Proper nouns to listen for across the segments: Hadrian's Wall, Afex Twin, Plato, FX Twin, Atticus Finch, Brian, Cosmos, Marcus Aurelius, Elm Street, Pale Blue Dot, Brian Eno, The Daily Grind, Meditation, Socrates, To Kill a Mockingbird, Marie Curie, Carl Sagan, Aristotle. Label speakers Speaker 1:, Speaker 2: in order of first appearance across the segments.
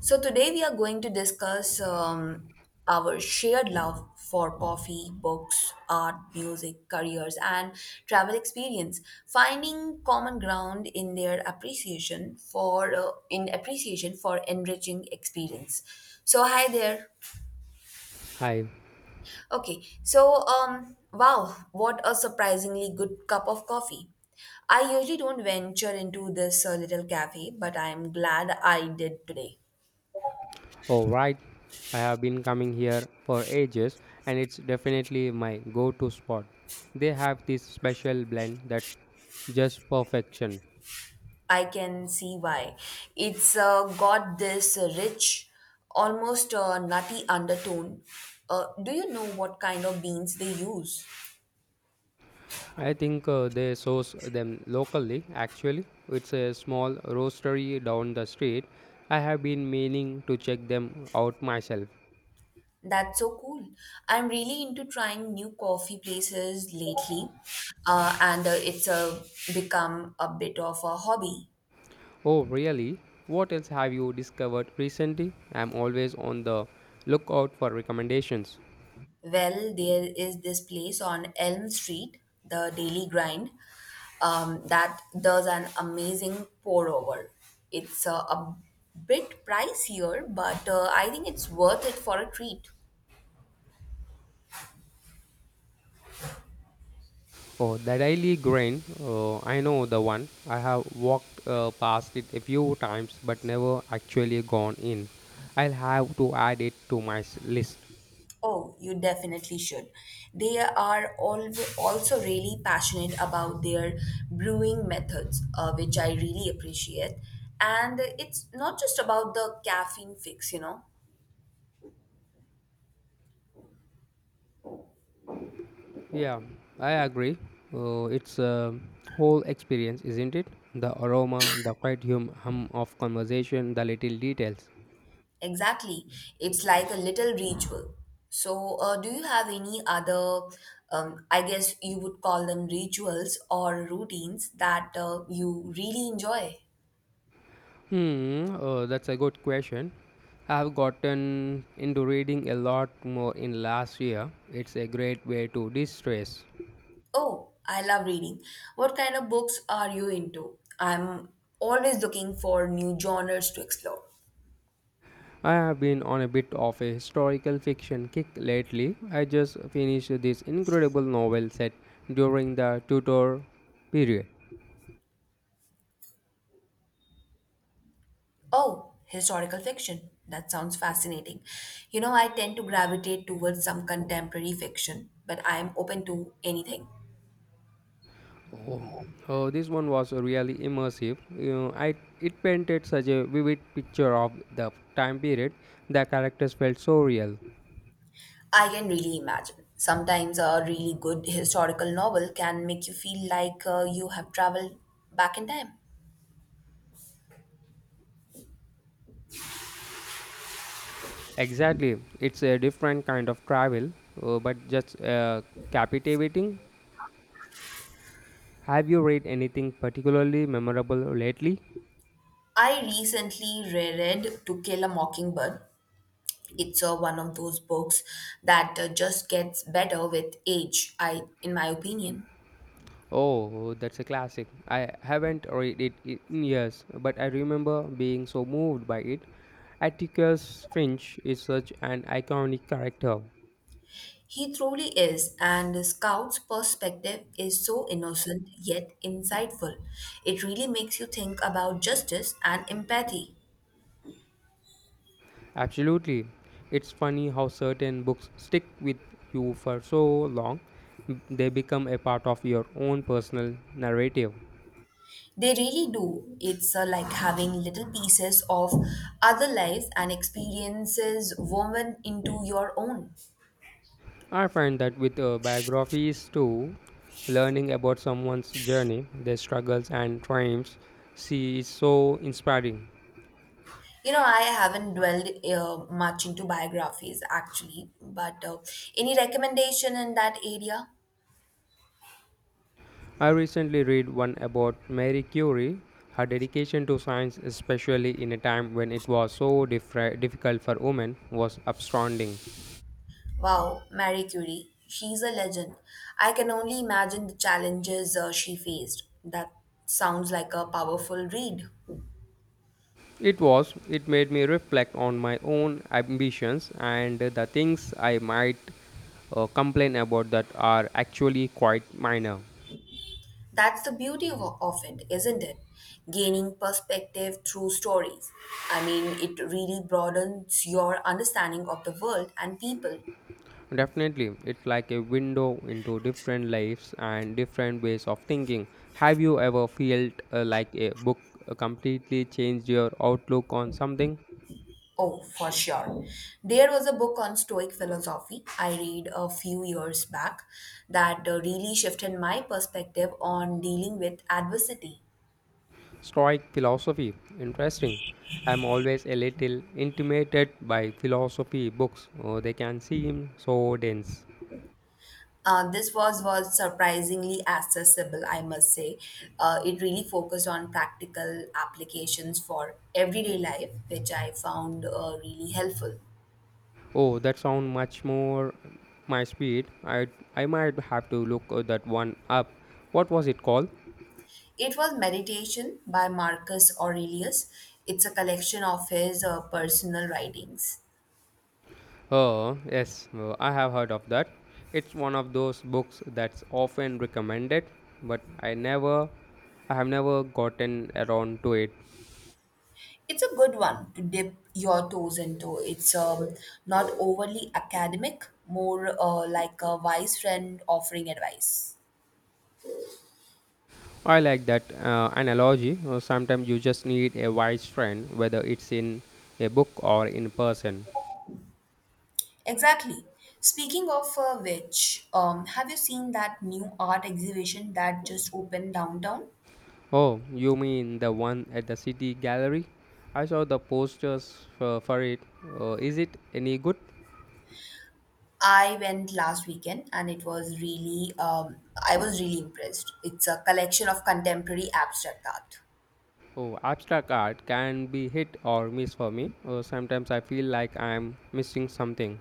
Speaker 1: So, today we are going to discuss our shared love for coffee, books, art, music, careers, and travel experience, finding common ground in their appreciation for in appreciation for enriching experience. So, hi there.
Speaker 2: Hi.
Speaker 1: Okay, wow, what a surprisingly good cup of coffee. I usually don't venture into this little cafe, but I'm glad I did today.
Speaker 2: Oh, right. I have been coming here for ages, and it's definitely my go to spot. They have this special blend that's just perfection.
Speaker 1: I can see why. It's got this rich, almost nutty undertone. Do you know what kind of beans they use?
Speaker 2: I think they source them locally actually. It's a small roastery down the street. I have been meaning to check them out myself.
Speaker 1: That's so cool. I'm really into trying new coffee places lately, and it's become a bit of a hobby.
Speaker 2: Oh, really? What else have you discovered recently? I'm always on the lookout for recommendations.
Speaker 1: Well, there is this place on Elm Street, the Daily Grind, that does an amazing pour over. It's a bit pricier, but I think it's worth it for a treat.
Speaker 2: Oh, the daily grind. I know the one. I have walked past it a few times, but never actually gone in. I'll have to add it to my list.
Speaker 1: Oh, you definitely should. They are also really passionate about their brewing methods, which I really appreciate. And it's not just about the caffeine fix.
Speaker 2: Yeah, I agree. It's a whole experience, isn't it? The aroma, the quiet hum of conversation, the little details.
Speaker 1: Exactly. It's like a little ritual. So, do you have any other, I guess you would call them rituals or routines that you really enjoy?
Speaker 2: That's a good question. I've gotten into reading a lot more in last year. It's a great way to de-stress.
Speaker 1: Oh, I love reading. What kind of books are you into? I'm always looking for new genres to explore.
Speaker 2: I have been on a bit of a historical fiction kick lately. I just finished this incredible novel set during the Tudor period.
Speaker 1: Oh, historical fiction. That sounds fascinating. You know, I tend to gravitate towards some contemporary fiction, but I am open to anything.
Speaker 2: Oh, oh, this one was really immersive. You know, it painted such a vivid picture of the time period. The characters felt so real.
Speaker 1: I can really imagine. Sometimes a really good historical novel can make you feel like you have traveled back in time.
Speaker 2: Exactly, it's a different kind of travel, but just captivating. Have you read anything particularly memorable lately?
Speaker 1: I recently reread To Kill a Mockingbird. It's one of those books that just gets better with age, I in my opinion.
Speaker 2: Oh, that's a classic. I haven't read it in years, but I remember being so moved by it. Atticus Finch is such an iconic character.
Speaker 1: He truly is, and Scout's perspective is so innocent yet insightful. It really makes you think about justice and empathy.
Speaker 2: Absolutely. It's funny how certain books stick with you for so long, they become a part of your own personal narrative.
Speaker 1: They really do. It's like having little pieces of other lives and experiences woven into your own.
Speaker 2: I find that with biographies too, learning about someone's journey, their struggles, and triumphs, she is so inspiring.
Speaker 1: You know, I haven't dwelled much into biographies actually, but any recommendation in that area?
Speaker 2: I recently read one about Marie Curie, her dedication to science, especially in a time when it was so difficult for women, was astounding.
Speaker 1: Wow, Marie Curie, she's a legend. I can only imagine the challenges she faced. That sounds like a powerful read.
Speaker 2: It was, it made me reflect on my own ambitions and the things I might complain about that are actually quite minor.
Speaker 1: That's the beauty of it, isn't it? Gaining perspective through stories. I mean, it really broadens your understanding of the world and people.
Speaker 2: Definitely, it's like a window into different lives and different ways of thinking. Have you ever felt like a book completely changed your outlook on something?
Speaker 1: Oh, for sure. There was a book on Stoic philosophy I read a few years back that really shifted my perspective on dealing with adversity.
Speaker 2: Stoic philosophy. Interesting. I'm always a little intimidated by philosophy books. Oh, they can seem so dense.
Speaker 1: This was surprisingly accessible, I must say. It really focused on practical applications for everyday life, which I found really helpful.
Speaker 2: Oh, that sounds much more my speed. I might have to look that one up. What was it called?
Speaker 1: It was Meditation by Marcus Aurelius. It's a collection of his personal writings.
Speaker 2: Oh, yes, I have heard of that. It's one of those books that's often recommended, but I have never gotten around to it.
Speaker 1: It's a good one to dip your toes into. It's not overly academic, more like a wise friend offering advice.
Speaker 2: I like that analogy. Sometimes you just need a wise friend, whether it's in a book or in person.
Speaker 1: Exactly. Speaking of which, have you seen that new art exhibition that just opened downtown?
Speaker 2: Oh, you mean the one at the city gallery? I saw the posters for it. Is it any good?
Speaker 1: I went last weekend and it was I was really impressed. It's a collection of contemporary abstract art.
Speaker 2: Oh, abstract art can be hit or miss for me. Sometimes I feel like I'm missing something.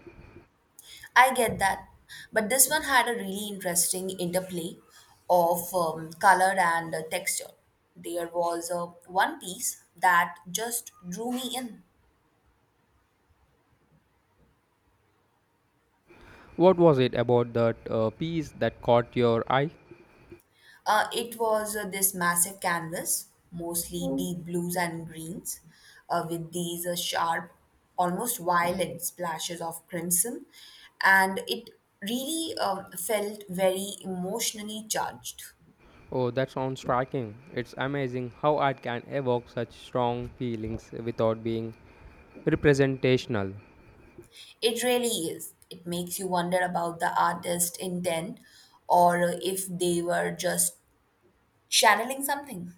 Speaker 1: I get that, but this one had a really interesting interplay of color and texture. There was one piece that just drew me in.
Speaker 2: What was it about that piece that caught your eye?
Speaker 1: It was this massive canvas, mostly deep blues and greens, with these sharp, almost violent splashes of crimson. And it really felt very emotionally charged.
Speaker 2: Oh, that sounds striking. It's amazing how art can evoke such strong feelings without being representational,
Speaker 1: It really is. It makes you wonder about the artist's intent or if they were just channeling something.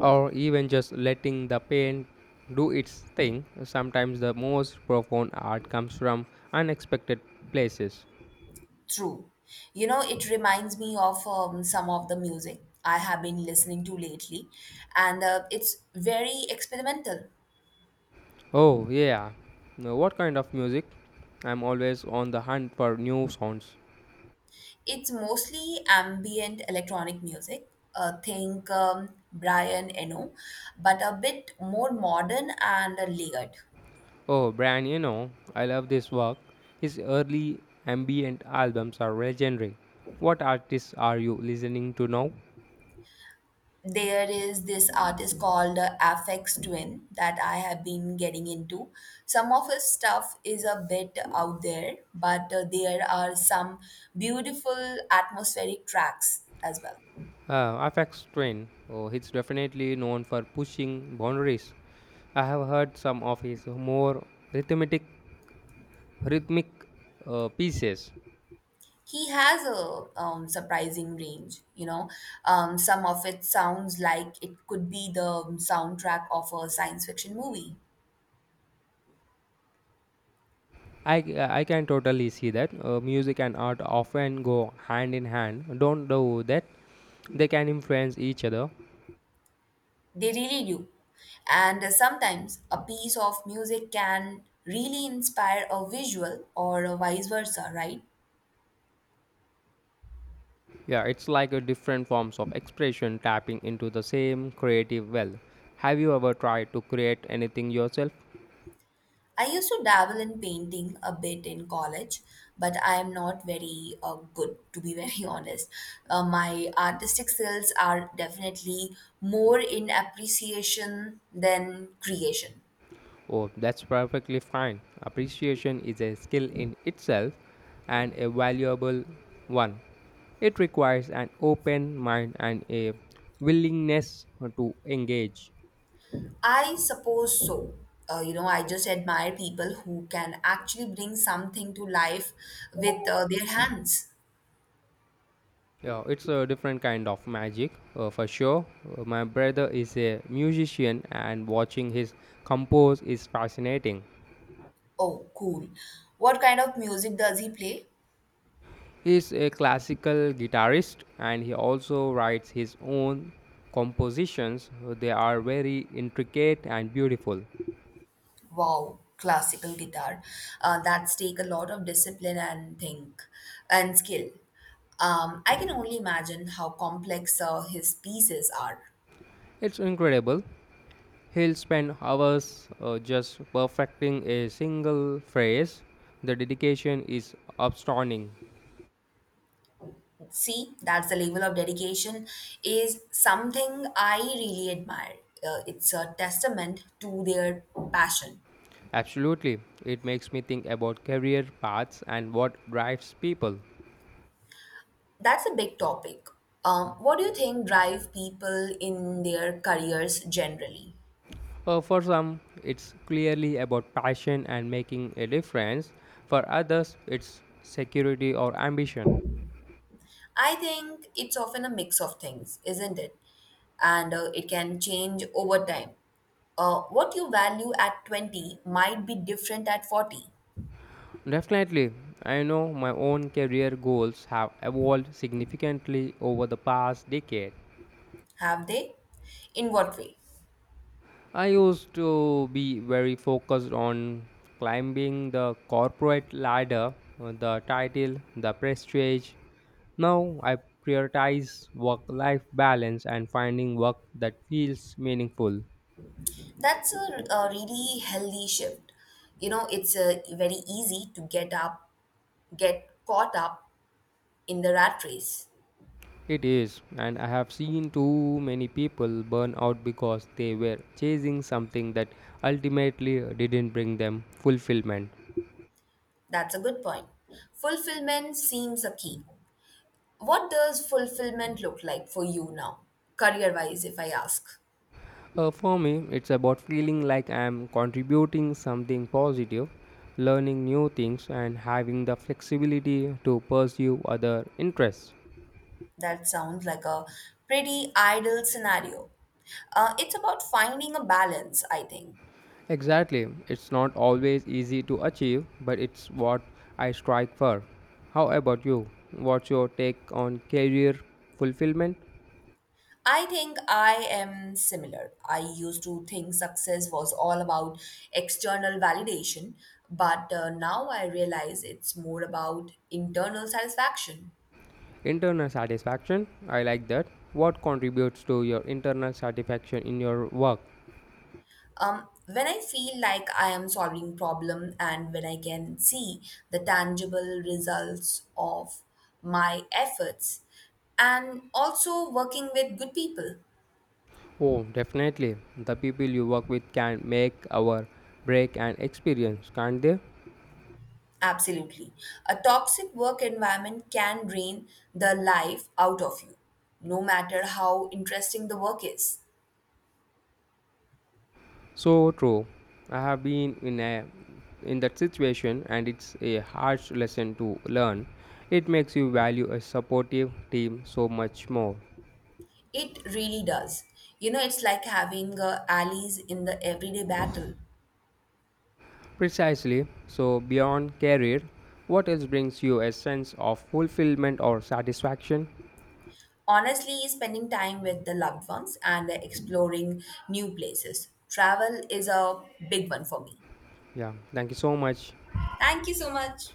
Speaker 2: or even just letting the paint do its thing. Sometimes the most profound art comes from unexpected places.
Speaker 1: True. You know, it reminds me of some of the music I have been listening to lately, and it's very experimental.
Speaker 2: Oh, yeah. Now, what kind of music? I'm always on the hunt for new sounds.
Speaker 1: It's mostly ambient electronic music. Think Brian Eno, but a bit more modern and layered.
Speaker 2: Oh, Brian, you know, I love this work. His early ambient albums are legendary. What artists are you listening to now?
Speaker 1: There is this artist called Afex Twin that I have been getting into. Some of his stuff is a bit out there, but there are some beautiful atmospheric tracks as well.
Speaker 2: FX Twin. Oh, he's definitely known for pushing boundaries. I have heard some of his more rhythmic rhythmic pieces.
Speaker 1: He has a surprising range. Some of it sounds like it could be the soundtrack of a science fiction movie.
Speaker 2: I, I can totally see that. Music and art often go hand in hand. Don't do that. They can influence each other.
Speaker 1: They really do. And sometimes a piece of music can really inspire a visual or a vice versa, right?
Speaker 2: Yeah, it's like a different forms of expression tapping into the same creative well. Have you ever tried to create anything yourself?
Speaker 1: I used to dabble in painting a bit in college, but I am not very good, to be very honest. My artistic skills are definitely more in appreciation than creation.
Speaker 2: Oh, that's perfectly fine. Appreciation is a skill in itself and a valuable one. It requires an open mind and a willingness to engage.
Speaker 1: I suppose so. You know, I just admire people who can actually bring something to life with their hands.
Speaker 2: Yeah, it's a different kind of magic for sure. My brother is a musician, and watching his compose is fascinating.
Speaker 1: Oh, cool. What kind of music does he play?
Speaker 2: He's a classical guitarist and he also writes his own compositions. They are very intricate and beautiful.
Speaker 1: Wow, classical guitar. That's take a lot of discipline and think and skill. I can only imagine how complex his pieces are.
Speaker 2: It's incredible. He'll spend hours just perfecting a single phrase. The dedication is astounding.
Speaker 1: See, that's the level of dedication is something I really admire. It's a testament to their passion.
Speaker 2: Absolutely. It makes me think about career paths and what drives people.
Speaker 1: That's a big topic. What do you think drive people in their careers generally?
Speaker 2: For some, it's clearly about passion and making a difference. For others, it's security or ambition.
Speaker 1: I think it's often a mix of things, isn't it? And it can change over time. What you value at 20 might be different at 40.
Speaker 2: Definitely, I know my own career goals have evolved significantly over the past decade.
Speaker 1: Have they? In what way?
Speaker 2: I used to be very focused on climbing the corporate ladder, the title, the prestige. Now I prioritize work life balance and finding work that feels meaningful.
Speaker 1: That's a really healthy shift. You know, it's very easy to get caught up in the rat race.
Speaker 2: It is, and I have seen too many people burn out because they were chasing something that ultimately didn't bring them fulfillment.
Speaker 1: That's a good point. Fulfillment seems a key. What does fulfillment look like for you now, career wise, if I ask?
Speaker 2: For me, it's about feeling like I'm contributing something positive, learning new things, and having the flexibility to pursue other interests.
Speaker 1: That sounds like a pretty ideal scenario. It's about finding a balance, I think.
Speaker 2: Exactly, it's not always easy to achieve, but it's what I strive for. How about you? What's your take on career fulfillment?
Speaker 1: I think I am similar. I used to think success was all about external validation, but now I realize it's more about internal satisfaction.
Speaker 2: Internal satisfaction? I like that. What contributes to your internal satisfaction in your work?
Speaker 1: When I feel like I am solving problem and when I can see the tangible results of my efforts and also working with good people.
Speaker 2: Oh, definitely. The people you work with can make our break and experience, can't they?
Speaker 1: Absolutely. A toxic work environment can drain the life out of you, no matter how interesting the work is.
Speaker 2: So true. I have been in that situation and it's a harsh lesson to learn. It makes you value a supportive team so much more.
Speaker 1: It really does. You know, it's like having allies in the everyday battle.
Speaker 2: Precisely. So beyond career, what else brings you a sense of fulfillment or satisfaction?
Speaker 1: Honestly, spending time with the loved ones and exploring new places. Travel is a big one for me.
Speaker 2: Yeah, thank you so much.
Speaker 1: Thank you so much.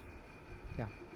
Speaker 2: Yeah.